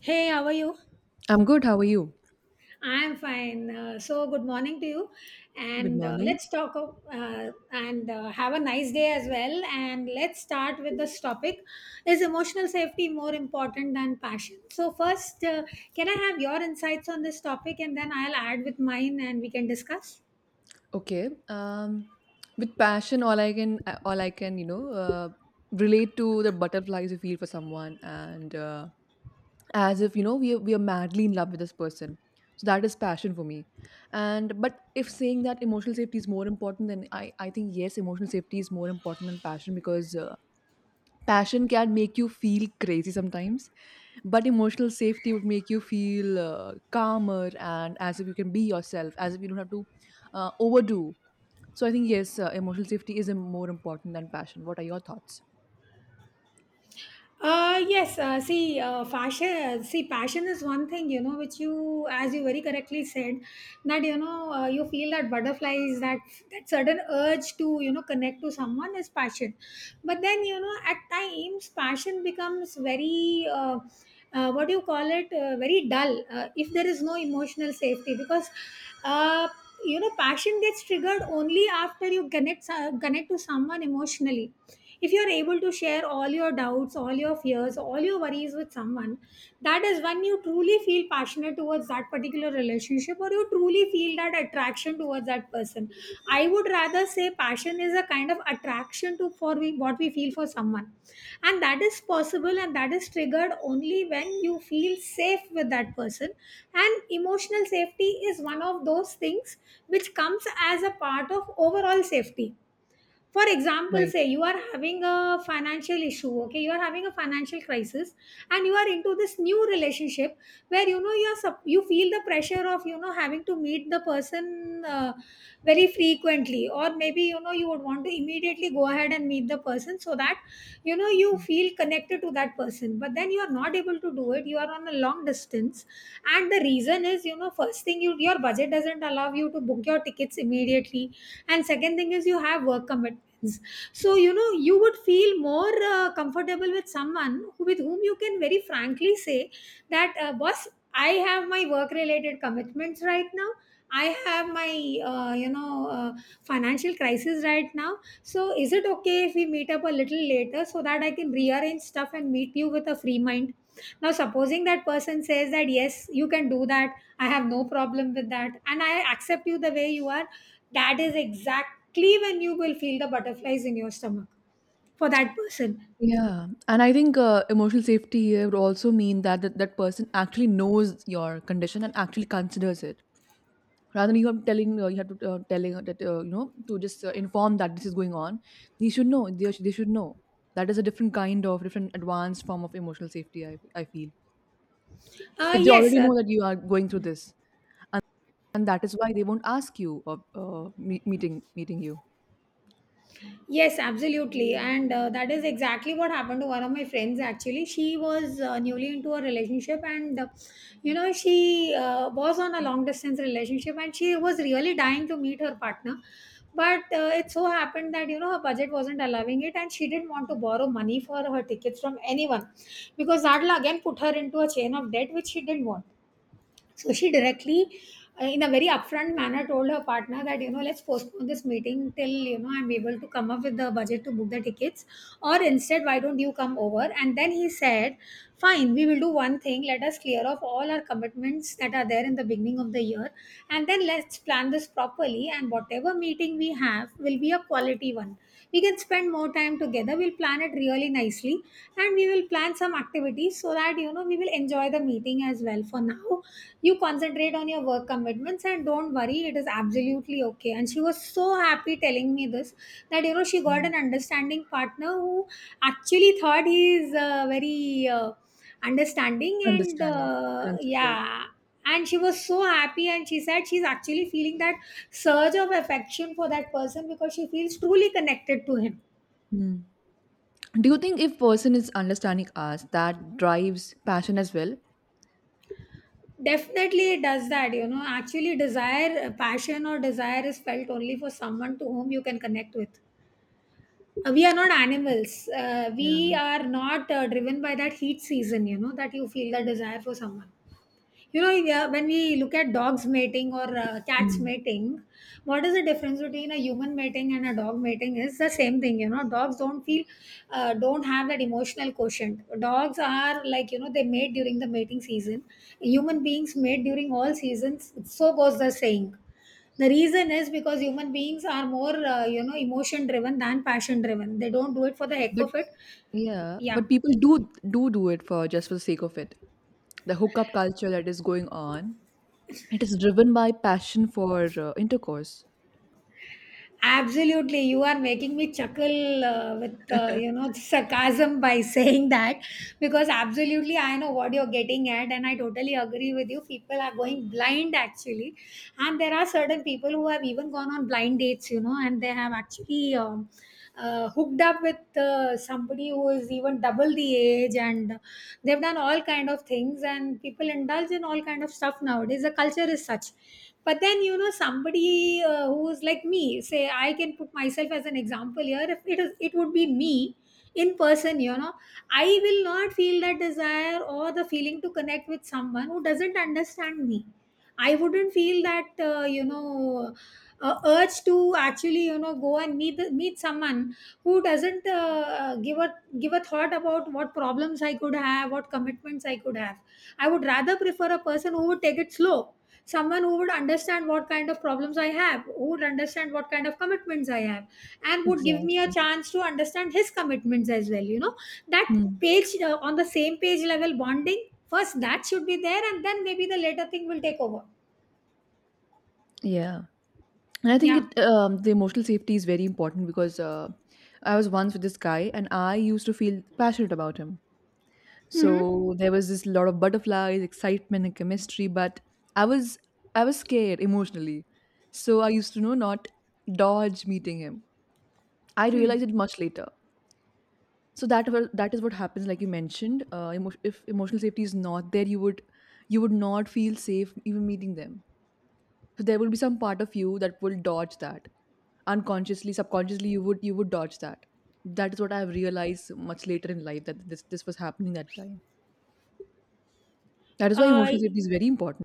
Hey, how are you? I'm good. How are you? I'm fine. Good morning to you. Good And morning. let's talk of- and have a nice day as well. And let's start with this topic. Is emotional safety more important than passion? So, first, can I have your insights on this topic and then I'll add with mine and we can discuss? Okay. With passion, all I can, relate to the butterflies you feel for someone, and as if we are madly in love with this person. So that is passion for me. And but if saying that emotional safety is more important than I think yes, emotional safety is more important than passion, because passion can make you feel crazy sometimes, but emotional safety would make you feel calmer, and as if you can be yourself, as if you don't have to overdo. So I think yes, emotional safety is more important than passion. What are your thoughts? See, passion is one thing, you know, which as you very correctly said, that you feel that butterflies, that certain urge to, you know, connect to someone is passion. But then, you know, at times, passion becomes very, what do you call it, very dull if there is no emotional safety because, uh, you know, passion gets triggered only after you connect to someone emotionally. If you are able to share all your doubts, all your fears, all your worries with someone, that is when you truly feel passionate towards that particular relationship, or you truly feel that attraction towards that person. I would rather say passion is a kind of attraction to, for we, what we feel for someone, and that is possible and that is triggered only when you feel safe with that person. And emotional safety is one of those things which comes as a part of overall safety. For example, say Right. you are having a financial issue. Okay, you are having a financial crisis and you are into this new relationship where, you know, you feel the pressure of, you know, having to meet the person very frequently, or maybe, you know, you would want to immediately go ahead and meet the person so that, you know, you feel connected to that person, but then you are not able to do it, you are on a long distance. And the reason is, you know, first thing, your budget doesn't allow you to book your tickets immediately, and second thing is you have work commitment. So, you know, you would feel more comfortable with with whom you can very frankly say that, boss, I have my work related commitments right now. I have my, uh, you know, uh, financial crisis right now. So, is it okay if we meet up a little later so that I can rearrange stuff and meet you with a free mind? Now, supposing that person says that, yes, you can do that, I have no problem with that, and I accept you the way you are, that is exactly when you will feel the butterflies in your stomach for that person. Yeah, and I think emotional safety here would also mean that that person actually knows your condition and actually considers it, rather than you have telling you have to telling her that to just inform that this is going on. They should know. They should know. That is a different kind of different advanced form of emotional safety. I feel uh, if they yes already sir. know that you are going through this, and, and that is why they won't ask you of meeting you. Yes, absolutely. And that is exactly what happened to one of my friends. Actually, she was newly into a relationship, and you know, she was on a long distance relationship and she was really dying to meet her partner. But it so happened that, you know, her budget wasn't allowing it and she didn't want to borrow money for her tickets from anyone because that will again put her into a chain of debt which she didn't want. So she directly, in a very upfront manner, told her partner that, you know, let's postpone this meeting till, you know, I'm able to come up with the budget to book the tickets. Or instead, why don't you come over? And then he said, fine, we will do one thing. Let us clear off all our commitments that are there in the beginning of the year. And then let's plan this properly. And whatever meeting we have will be a quality one. We can spend more time together. We'll plan it really nicely. And we will plan some activities so that, you know, we will enjoy the meeting as well. For now, you concentrate on your work commitments and don't worry, it is absolutely okay. And she was so happy telling me this, that, you know, she got Yeah. an understanding partner who actually thought he is very understanding, and Understanding, considerate. yeah. And she was so happy and she said she's actually feeling that surge of affection for that person because she feels truly connected to him. Do you think if person is understanding us, that drives passion as well? Definitely it does. That, you know, actually desire passion or desire is felt only for someone to whom you can connect with. We are not animals. We Yeah. are not driven by that heat season, you know, that you feel the desire for someone. You know, yeah, when we look at dogs mating or cats Mm. mating, what is the difference between a human mating and a dog mating? Is the same thing, you know. Dogs don't have that emotional quotient. Dogs are like, you know, they mate during the mating season. Human beings mate during all seasons. So goes the saying. The reason is because human beings are more, you know, emotion driven than passion driven. They don't do it for the heck But of it. Yeah, Yeah. but people do it for just for the sake of it. The hookup culture that is going on, it is driven by passion for intercourse. Absolutely, you are making me chuckle with you know, sarcasm by saying that, because absolutely I know what you're getting at, and I totally agree with you. People are going blind actually, and there are certain people who have even gone on blind dates, you know, and they have actually hooked up with somebody who is even double the age, and they've done all kind of things, and people indulge in all kind of stuff nowadays. The culture is such. But then, you know, somebody who's like me, say I can put myself as an example here, if it is, it would be me in person, you know, I will not feel that desire or the feeling to connect with someone who doesn't understand me. I wouldn't feel that urge to actually, you know, go and meet someone who doesn't give a thought about what problems I could have, what commitments I could have. I would rather prefer a person who would take it slow, someone who would understand what kind of problems I have, who would understand what kind of commitments I have, and would give me a Exactly. chance to understand his commitments as well, you know. That Mm. page On the same page level bonding first, that should be there, and then maybe the later thing will take over. Yeah. And I think Yeah. it the emotional safety is very important, because I was once with this guy and I used to feel passionate about him. Mm-hmm. So there was this lot of butterflies, excitement, and chemistry. But I was I was scared emotionally. So I used to know not dodge meeting him. I Hmm. realized it much later. So that is what happens, like you mentioned. If emotional safety is not there, you would not feel safe even meeting them. So there will be some part of you that will dodge that unconsciously, subconsciously. You would dodge that. That is what I have realized much later in life, that this was happening that time. That is why Uh, emotional safety is very important.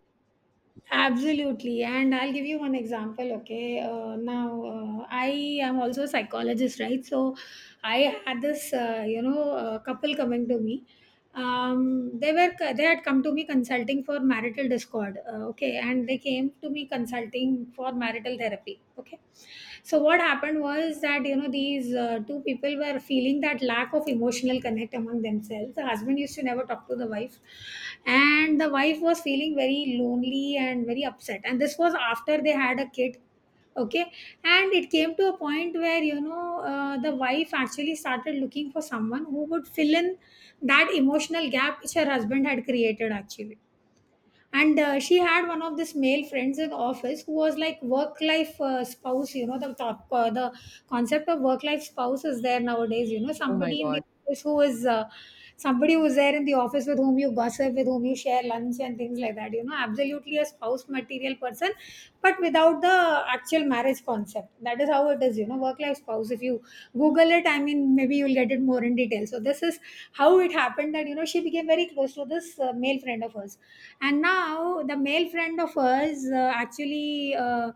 absolutely. And I'll give you one example. Okay. Now, I am also a psychologist, right? So I had this, you know, couple coming to me. They had come to me consulting for marital discord, okay, and they came to me consulting for marital therapy, okay. So what happened was that, you know, these two people were feeling that lack of emotional connect among themselves. The husband used to never talk to the wife, and the wife was feeling very lonely and very upset, and this was after they had a kid, okay. And it came to a point where, you know, the wife actually started looking for someone who would fill in that emotional gap which her husband had created, actually. And she had one of this male friends in office who was like work life spouse, you know. The the concept of work life spouse is there nowadays, you know, Oh my somebody in god. the office who is somebody who's there in the office with whom you gossip, with whom you share lunch and things like that, you know, absolutely a spouse material person, but without the actual marriage concept. That is how it is, you know, work life spouse, if you google it, I mean, maybe you'll get it more in detail. So this is how it happened that, you know, she became very close to this male friend of hers. And now the male friend of us actually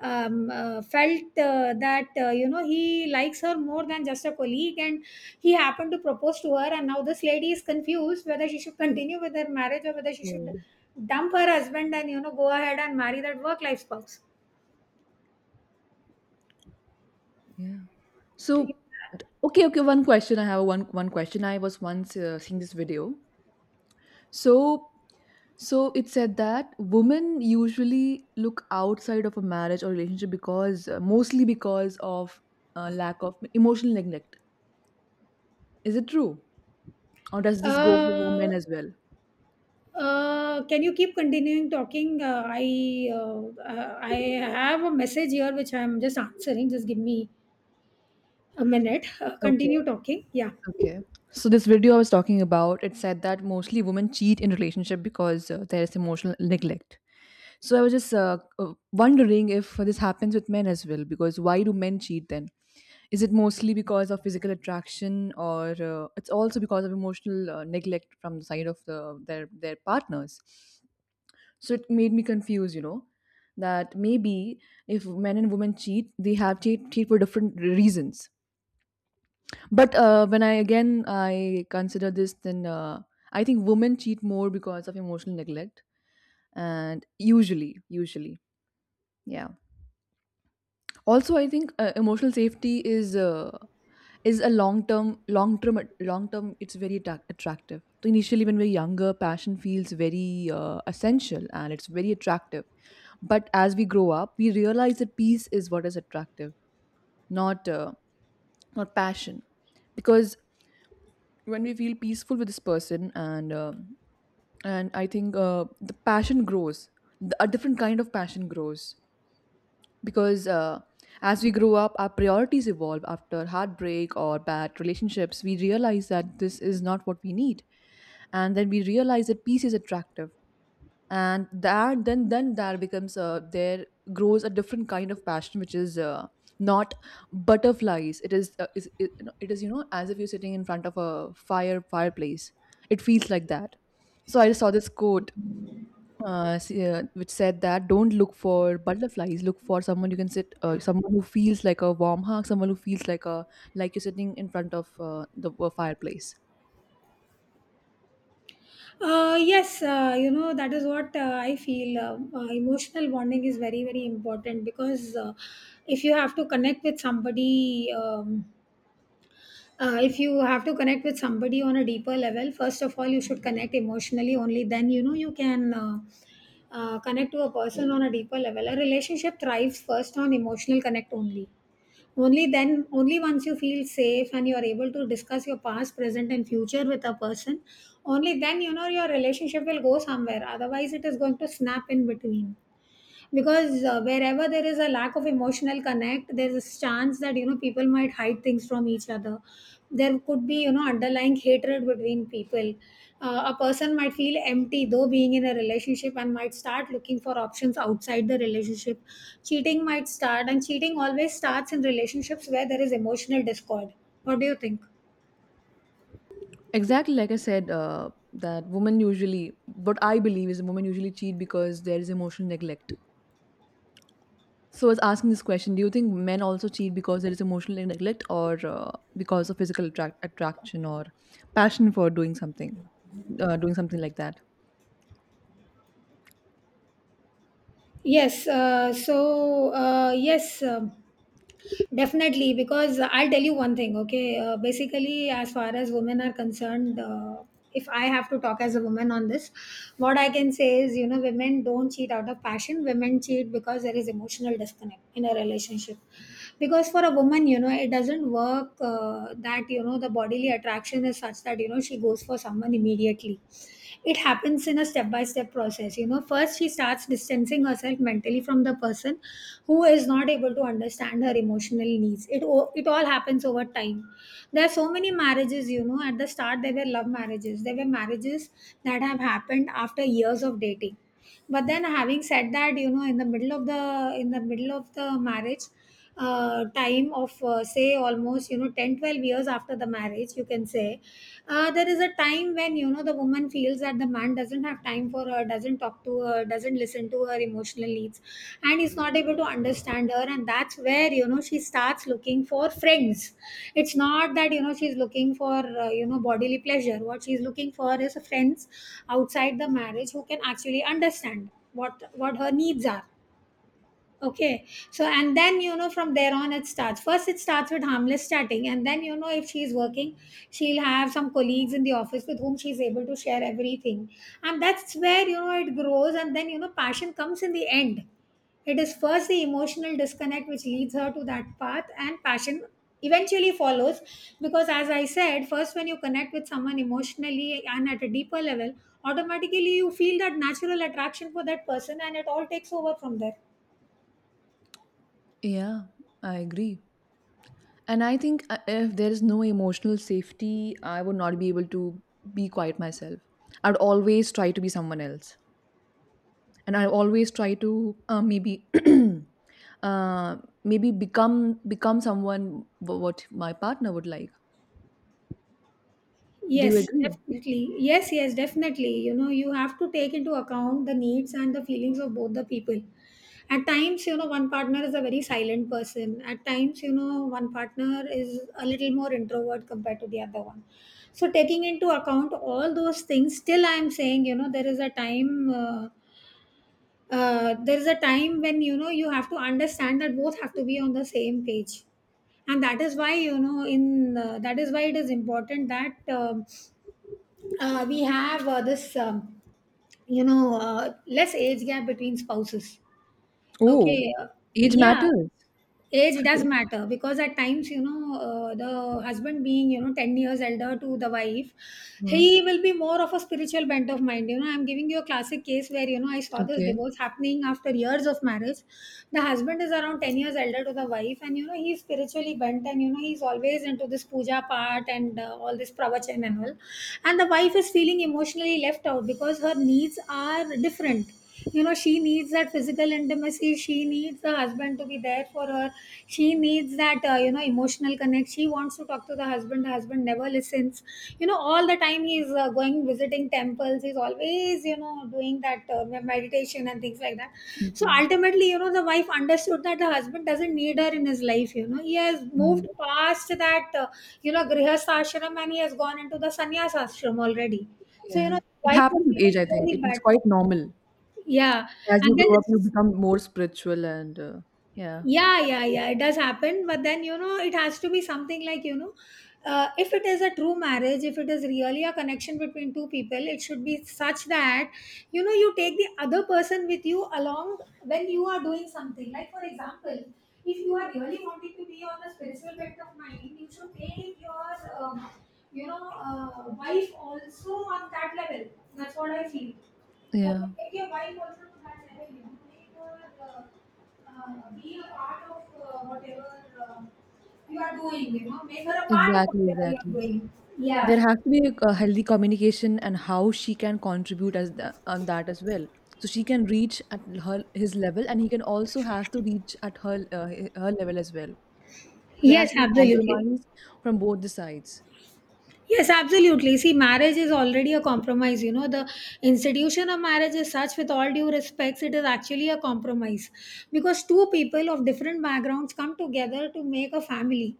felt that, you know, he likes her more than just a colleague, and he happened to propose to her, and now this lady is confused whether she should continue with her marriage or whether she should So dump her husband, and, you know, go ahead and marry that work life spouse. yeah. So okay, okay. One question I have, one question. I was once seeing this video. So so it said that women usually look outside of a marriage or relationship because mostly because of lack of emotional neglect. Is it true, or does this go for women uh, as well? Can you keep continuing talking? I have a message here which I'm just answering. Just give me a minute. Okay, Continue talking. Yeah. okay. So this video I was talking about, it said that mostly women cheat in relationship, because there is emotional neglect. So I was just wondering if this happens with men as well, because why do men cheat then? Is it mostly because of physical attraction, or it's also because of emotional neglect from the side of their partners? So it made me confused, that maybe if men and women cheat, they have cheat for different reasons. But when I again I consider this, then I think women cheat more because of emotional neglect, and usually, yeah. Also, I think emotional safety is a long term long term long term. It's very attractive. So initially, when we're younger, passion feels very essential, and it's very attractive. But as we grow up, we realize that peace is what is attractive, not uh, not passion, because when we feel peaceful with this person, and I think the passion grows. A different kind of passion grows, because as we grow up, our priorities evolve. After heartbreak or bad relationships, we realize that this is not what we need. And then we realize that peace is attractive, and that then there becomes there grows a different kind of passion which is not butterflies. It is uh, is it, no, it is, as if you're sitting in front of a fireplace. It feels like that. So I saw this quote, yeah, which said that don't look for butterflies. Look for someone you can someone who feels like a warm hug, someone who feels like you're sitting in front of the a fireplace. Yes, you know, that is what I feel. Emotional bonding is very, very important because if you have to connect with somebody, if you have to connect with somebody on a deeper level, first of all, you should connect emotionally. Only then, you know, you can. Connect to a person on a deeper level. A relationship thrives first on emotional connect only. Only then, only once you feel safe and you're able to discuss your past, present, and future with a person, only then you know your relationship will go somewhere. Otherwise, it is going to snap in between because wherever there is a lack of emotional connect, there's a chance that you know people might hide things from each other. There could be, you know, underlying hatred between people. A person might feel empty though being in a relationship and might start looking for options outside the relationship. Cheating might start, and cheating always starts in relationships where there is emotional discord. What do you think? Exactly, like I said, that women usually, what I believe is women usually cheat because there is emotional neglect. So I was asking this question: do you think men also cheat because there is emotional neglect, or because of physical attraction, or passion for doing something like that? Yes. Definitely, because I'll tell you one thing, okay? Basically, as far as women are concerned, if I have to talk as a woman on this, what I can say is, you know, women don't cheat out of passion. Women cheat because there is emotional disconnect in a relationship. Because for a woman, you know, it doesn't work that, you know, the bodily attraction is such that you know she goes for someone immediately. It happens in a step by step process. You know, first she starts distancing herself mentally from the person who is not able to understand her emotional needs. It all happens over time. There are so many marriages, you know, at the start there were love marriages, there were marriages that have happened after years of dating. But then, having said that, you know, in the middle of the marriage, time of say almost, you know, 10 12 years after the marriage, you can say there is a time when you know the woman feels that the man doesn't have time for her, doesn't talk to her, doesn't listen to her emotional needs, and is not able to understand her. And that's where, you know, she starts looking for friends. It's not that, you know, she's looking for you know, bodily pleasure. What she's looking for is friends outside the marriage who can actually understand what her needs are. Okay. So, and then, you know, from there on, it starts. First, it starts with harmless chatting. And then, you know, if she's working, she'll have some colleagues in the office with whom she's able to share everything. And that's where, you know, it grows. And then, you know, passion comes in the end. It is first the emotional disconnect which leads her to that path, and passion eventually follows. Because, as I said, first, when you connect with someone emotionally and at a deeper level, automatically you feel that natural attraction for that person, and it all takes over from there. Yeah, I agree. And I think if there is no emotional safety, I would not be able to be quiet myself. I'd always try to be someone else, and I always try to maybe. uh Maybe become someone what my partner would like. Do you Yes, agree? definitely. Yes, yes, definitely. You know, you have to take into account the needs and the feelings of both the people. At times, you know, one partner is a very silent person. At times, you know, one partner is a little more introvert compared to the other one. So, taking into account all those things, still I am saying, you know, there is a time. There is a time when you know you have to understand that both have to be on the same page, and that is why, you know, in that is why it is important that we have this less age gap between spouses. Oh, Okay. Age Yeah. matters. Age does matter because at times, you know, the husband being, you know, 10 years elder to the wife, Huh. he will be more of a spiritual bent of mind. You know, I'm giving you a classic case where, you know, I saw this Okay. divorce happening after years of marriage. The husband is around 10 years elder to the wife, and, you know, he's spiritually bent and, you know, he's always into this puja part and all this pravachan and all. And the wife is feeling emotionally left out because her needs are different. You know, she needs that physical intimacy, she needs the husband to be there for her, she needs that you know, emotional connect, she wants to talk to the husband. The husband never listens. You know, all the time he's going visiting temples, he's always, you know, doing that meditation and things like that. So Okay. ultimately, you know, the wife understood that the husband doesn't need her in his life. You know, he has Mm. moved past that you know, grihastha ashram, and he has gone into the sannyas ashram already. So, you Yeah. know, It wife was happens with age, feeling I think. really It's bad. quite normal. Yeah, As you and then grow up, you become more spiritual, and yeah. yeah, yeah, yeah, it does happen, but then you know it has to be something like, you know, if it is a true marriage, if it is really a connection between two people, it should be such that, you know, you take the other person with you along when you are doing something. Like, for example, if you are really wanting to be on the spiritual bent of mind, you should take your um, wife also on that level. That's what I feel. Okay, Yeah. take your wife also to that level, you know, make her be a part of whatever you are doing, you know, make her a part of Exactly, whatever you are exactly. doing. Yeah. There has to be a healthy communication, and how she can contribute on that as well. So she can reach at her his level, and he can also has to reach at her level as well. So there Yes, has to be absolutely. compromise from both the sides. Yes, absolutely. See, marriage is already a compromise. You know, the institution of marriage is such, with all due respects, it is actually a compromise because two people of different backgrounds come together to make a family.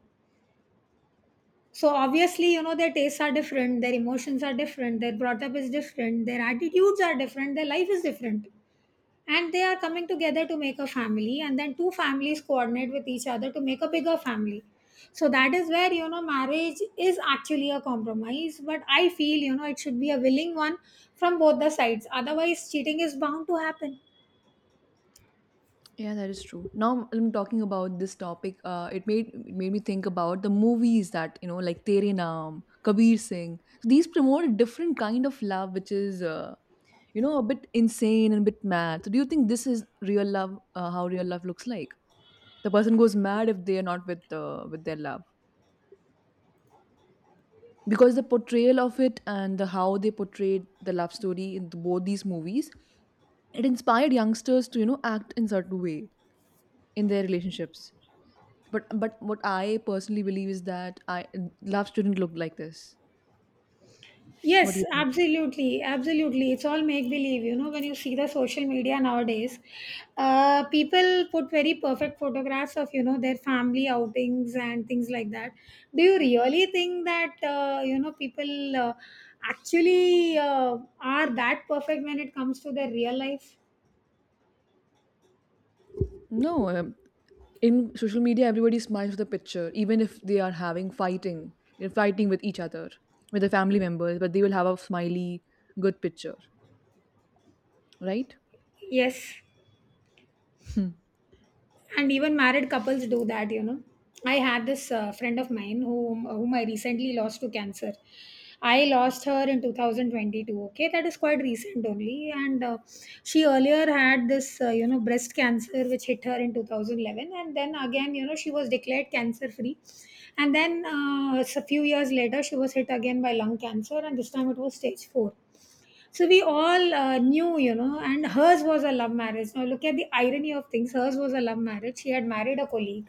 So, obviously, you know, their tastes are different, their emotions are different, their brought up is different, their attitudes are different, their life is different, and they are coming together to make a family. And then two families coordinate with each other to make a bigger family. So that is where, you know, marriage is actually a compromise, but I feel, you know, it should be a willing one from both the sides. Otherwise, cheating is bound to happen. Yeah, that is true. Now I'm talking about this topic. It made me think about the movies that like Tere Naam, Kabir Singh. So, these promote a different kind of love, which is a bit insane and a bit mad. So, do you think this is real love? How real love looks like? The person goes mad if they are not with their love, because the portrayal of it and the how they portrayed the love story in both these movies, it inspired youngsters to act in certain way in their relationships. But what I personally believe is that I love shouldn't look like this. What do Yes, you think? absolutely, absolutely. It's all make believe. You know, when you see the social media nowadays, people put very perfect photographs of, you know, their family outings and things like that. Do you really think that you know, people actually are that perfect when it comes to their real life? No, in social media, everybody smiles with a picture, even if they are they're fighting with each other, with their family members, but they will have a smiley, good picture, right? Yes. Hmm. And even married couples do that, you know. I had this friend of mine whom I recently lost to cancer. I lost her in 2022. Okay, that is quite recent only. And she earlier had this you know, breast cancer, which hit her in 2011, and then again, you know, she was declared cancer free. And then a few years later, she was hit again by lung cancer, and this time it was stage 4. So we all knew, you know. And hers was a love marriage. Now look at the irony of things. Hers was a love marriage. She had married a colleague.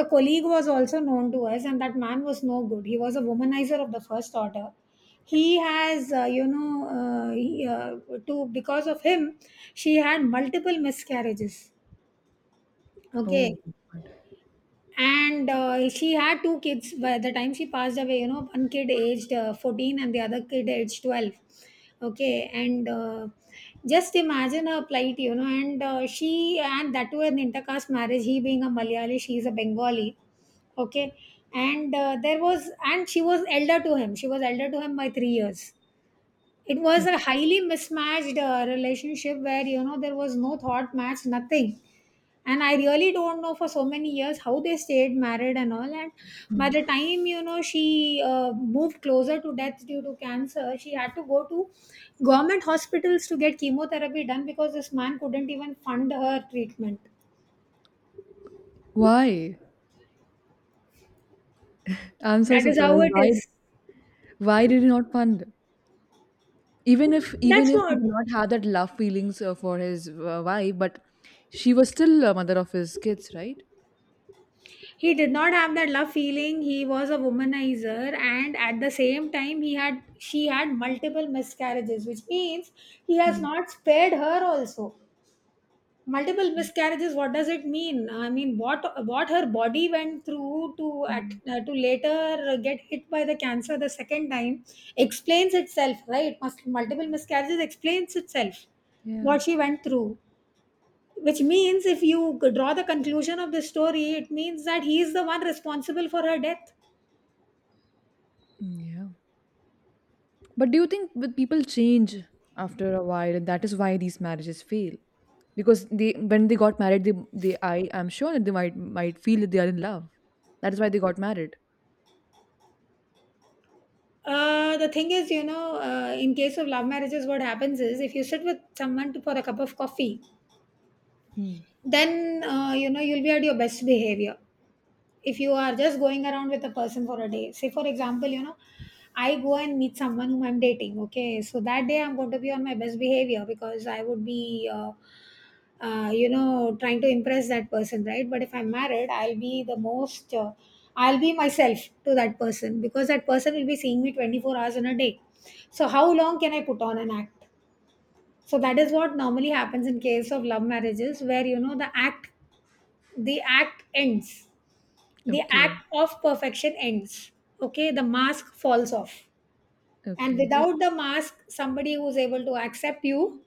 The colleague was also known to us, and that man was no good. He was a womanizer of the first order. He has, you know, he, to because of him, she had multiple miscarriages. Oh, Okay, and she had two kids by the time she passed away. You know, one kid aged 14 and the other kid aged 12. Okay, and just imagine her plight, you know. And she, and that too an intercaste marriage, he being a malayali, she is a bengali. Okay, and there was and she was elder to him, she was elder to him by 3 years. It was oh. a highly mismatched relationship where, you know, there was no thought match, nothing. And I really don't know for so many years how they stayed married and all. And by the time, you know, she moved closer to death due to cancer, she had to go to government hospitals to get chemotherapy done because this man couldn't even fund her treatment. Why? I'm so That is how surprised. it Why? is. Why did he not fund? Even if even That's if he what. did not have that love feelings for his wife, but she was still a mother of his kids, right? He did not have that love feeling, he was a womanizer, and at the same time, he had, she had multiple miscarriages, which means he has Hmm. not spared her also. Multiple miscarriages, what does it mean? I mean, what her body went through to at, Mm, uh, to later get hit by the cancer the second time explains itself, right? Multiple miscarriages explains itself, yeah. what she went through, which means if you could draw the conclusion of the story, it means that he is the one responsible for her death. Mm, yeah. But do you think with people change after a while, and that is why these marriages fail? Because they when they got married they I I'm sure that they might feel that they are in love. That is why they got married. The thing is, you know, in case of love marriages, what happens is if you sit with someone for a cup of coffee, Hmm. then you know, you'll be at your best behavior. If you are just going around with A person for a day, say for example, you know, I go and meet someone whom I'm dating. Okay, so that day I'm going to be on my best behavior because I would be you know, trying to impress that person, right? But if I'm married, I'll be the most I'll be myself to that person because that person will be seeing me 24 hours in a day. So how long can I put on an act? So that is what normally happens in case of love marriages, where, you know, the act, the act ends. The Okay. act of perfection ends. Okay, the mask falls off. And Okay. Without the mask, somebody who's able to accept you,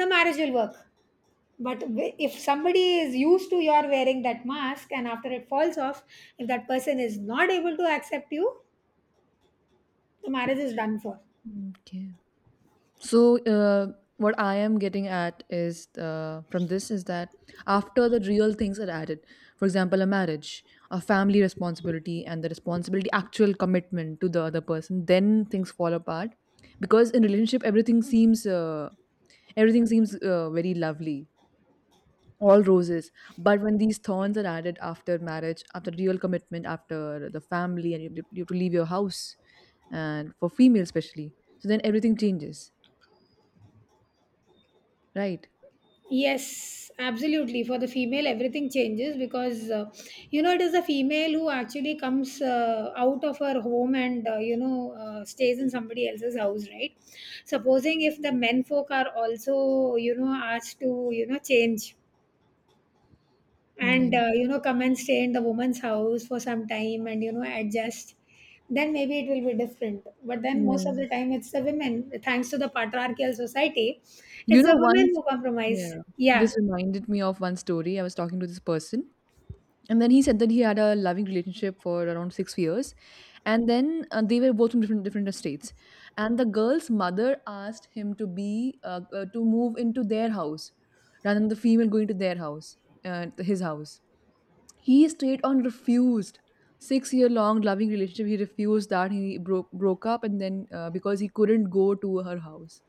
the marriage will work. But if somebody is used to your wearing that mask, and after it falls off, if that person is not able to accept you, the marriage is done for. Okay. So, what I am getting at is, from this, is that after the real things are added, for example, a marriage, a family responsibility, and the responsibility, actual commitment to the other person, then things fall apart. Because in relationship, everything seems very lovely, all roses. But when these thorns are added after marriage, after real commitment, after the family, and you have to leave your house, and for female especially, so then everything changes, right? Yes, absolutely. For the female, everything changes because you know, it is a female who actually comes out of her home and stays in somebody else's house, right? Supposing if the men folk are also, you know, asked to, you know, change and Yeah, you know, come and stay in the woman's house for some time and, you know, adjust, then maybe it will be different. But then most of the yeah. time, it's the women. Thanks to the patriarchal society, You it's know, the women once, who compromise. yeah, Yeah. this reminded me of one story. I was talking to this person, and then he said that he had a loving relationship for around 6 years, and then they were both from different estates, and the girl's mother asked him to be to move into their house, rather than the female going to their house, his house. He straight on refused. 6 year long loving relationship. He refused that. He broke up, and then because he couldn't go to her house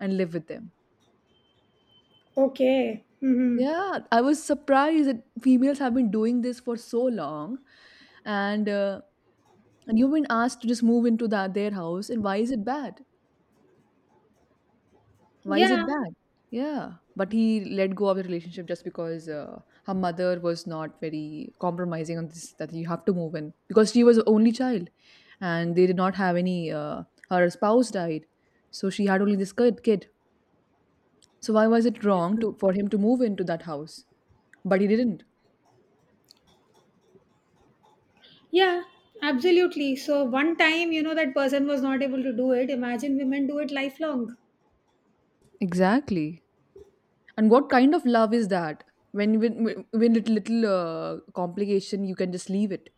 and live with them. Okay. Mm-hmm. Yeah, I was surprised that females have been doing this for so long, and uh, and you've been asked to just move into that their house, and why is it bad? Why is it Yeah. bad? Yeah, but he let go of the relationship just because her mother was not very compromising on this, that you have to move in, because she was only child, and they did not have any. Her spouse died, so she had only this kid. So why was it wrong to for him to move into that house? But he didn't. Yeah, absolutely. So one time, you know, that person was not able to do it. Imagine women do it lifelong. Exactly. And what kind of love is that? When little complication, you can just leave it.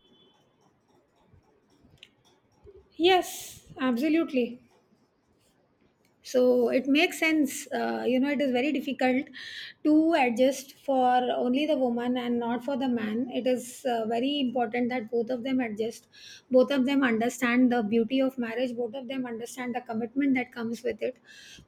Yes, absolutely. So it makes sense. You know, it is very difficult to adjust for only the woman and not for the man. It is very important that both of them adjust, both of them understand the beauty of marriage, both of them understand the commitment that comes with it,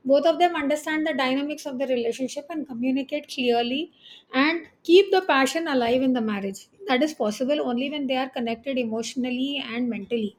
both of them understand the dynamics of the relationship and communicate clearly, and keep the passion alive in the marriage. That is possible only when they are connected emotionally and mentally.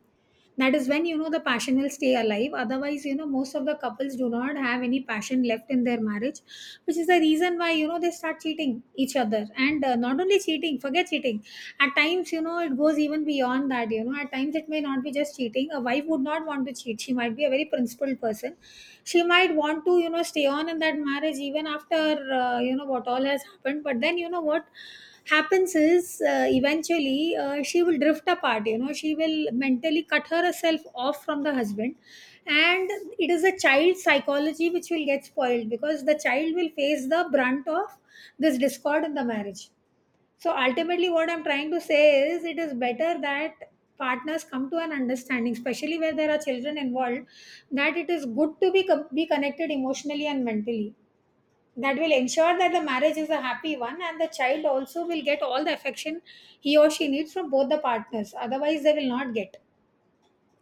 That is when, you know, the passion will stay alive. Otherwise, you know, most of the couples do not have any passion left in their marriage, which is the reason why, you know, they start cheating each other. And not only cheating, forget cheating, at times, you know, it goes even beyond that. You know, at times it may not be just cheating. A wife would not want to cheat. She might be a very principled person. She might want to, you know, stay on in that marriage even after, you know, what all has happened. But then, you know, what happens is, eventually, she will drift apart. You know, she will mentally cut herself off from the husband. And it is a child psychology which will get spoiled because the child will face the brunt of this discord in the marriage. So ultimately, what I'm trying to say is, it is better that partners come to an understanding, especially where there are children involved, that it is good to be connected emotionally and mentally. That will ensure that the marriage is a happy one, and the child also will get all the affection he or she needs from both the partners. Otherwise, they will not get.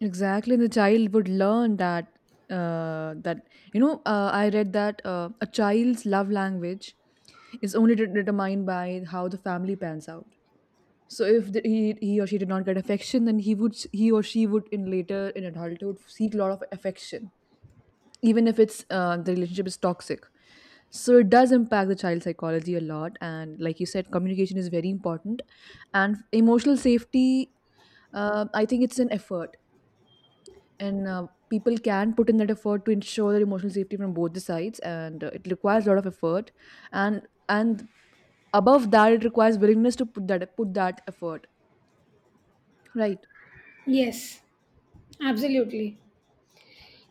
Exactly, and the child would learn that. I read that a child's love language is only determined by how the family pans out. So if he or she did not get affection, then he or she would in later in adulthood seek a lot of affection, even if it's the relationship is toxic. So it does impact the child psychology a lot, and like you said, communication is very important, and emotional safety, I think it's an effort, and people can put in that effort to ensure their emotional safety from both the sides, and it requires a lot of effort, and and above that, it requires willingness to put that effort, right? Yes, absolutely.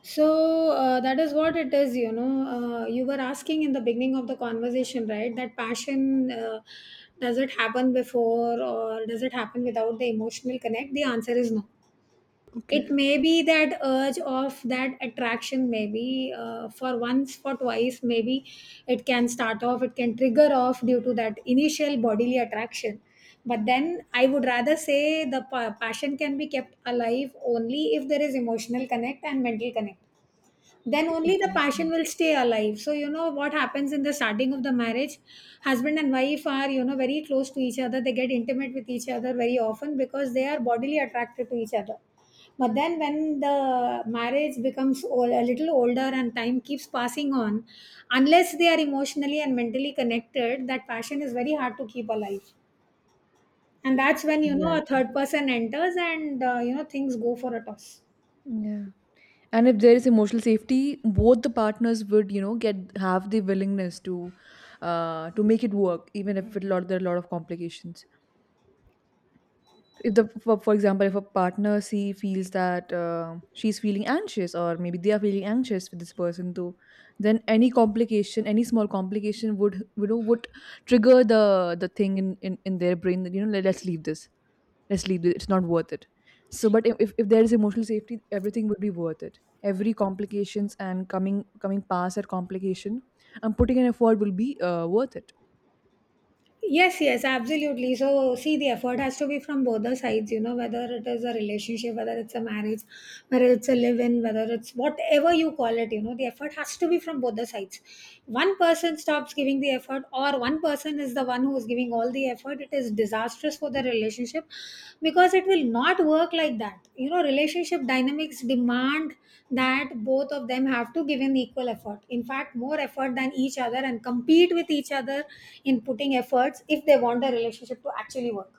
So that is what it is. You know, you were asking in the beginning of the conversation, right, that passion, does it happen before, or does it happen without the emotional connect? The answer is no. It may be that urge of that attraction, maybe, for once, for twice, maybe it can start off, it can trigger off due to that initial bodily attraction. But then I would rather say the passion can be kept alive only if there is emotional connect and mental connect. Then only the passion Exactly, will stay alive. So you know what happens in the starting of the marriage? Husband and wife are, you know, very close to each other. They get intimate with each other very often because they are bodily attracted to each other. But then when the marriage becomes old, a little older, and time keeps passing on, unless they are emotionally and mentally connected, that passion is very hard to keep alive. And that's when, you know, a exactly. third person enters, and you know, things go for a toss. Yeah. And if there is emotional safety, both the partners would you know, get have the willingness to make it work, even if it lot there are a lot of complications. If the for example, if a partner see feels that she's feeling anxious, or maybe they are feeling anxious with this person too, then any complication, any small complication would you know would trigger the thing in their brain that let's leave this, let's leave it, it's not worth it. So but if there is emotional safety, everything would be worth it. Every complications, and coming past that complication, and putting an effort will be worth it. Yes, yes, absolutely. So see, the effort has to be from both the sides, you know, whether it is a relationship, whether it's a marriage, whether it's a live in, whether it's whatever you call it, you know, the effort has to be from both the sides. One person stops giving the effort, or one person is the one who is giving all the effort, it is disastrous for the relationship, because it will not work like that. You know, relationship dynamics demand that both of them have to give an equal effort, in fact, more effort than each other, and compete with each other in putting efforts, if they want the relationship to actually work.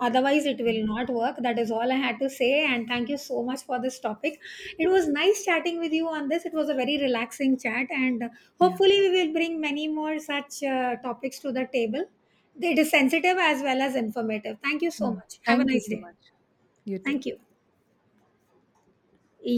Otherwise, it will Mhm. not work. That is all I had to say. And thank you so much for this topic. It was nice chatting with you on this. It was a very relaxing chat. And Yeah. hopefully we will bring many more such topics to the table. It is sensitive as well as informative. Thank you so Mm. much. Have a Thank you nice so day. much. You too. Thank you.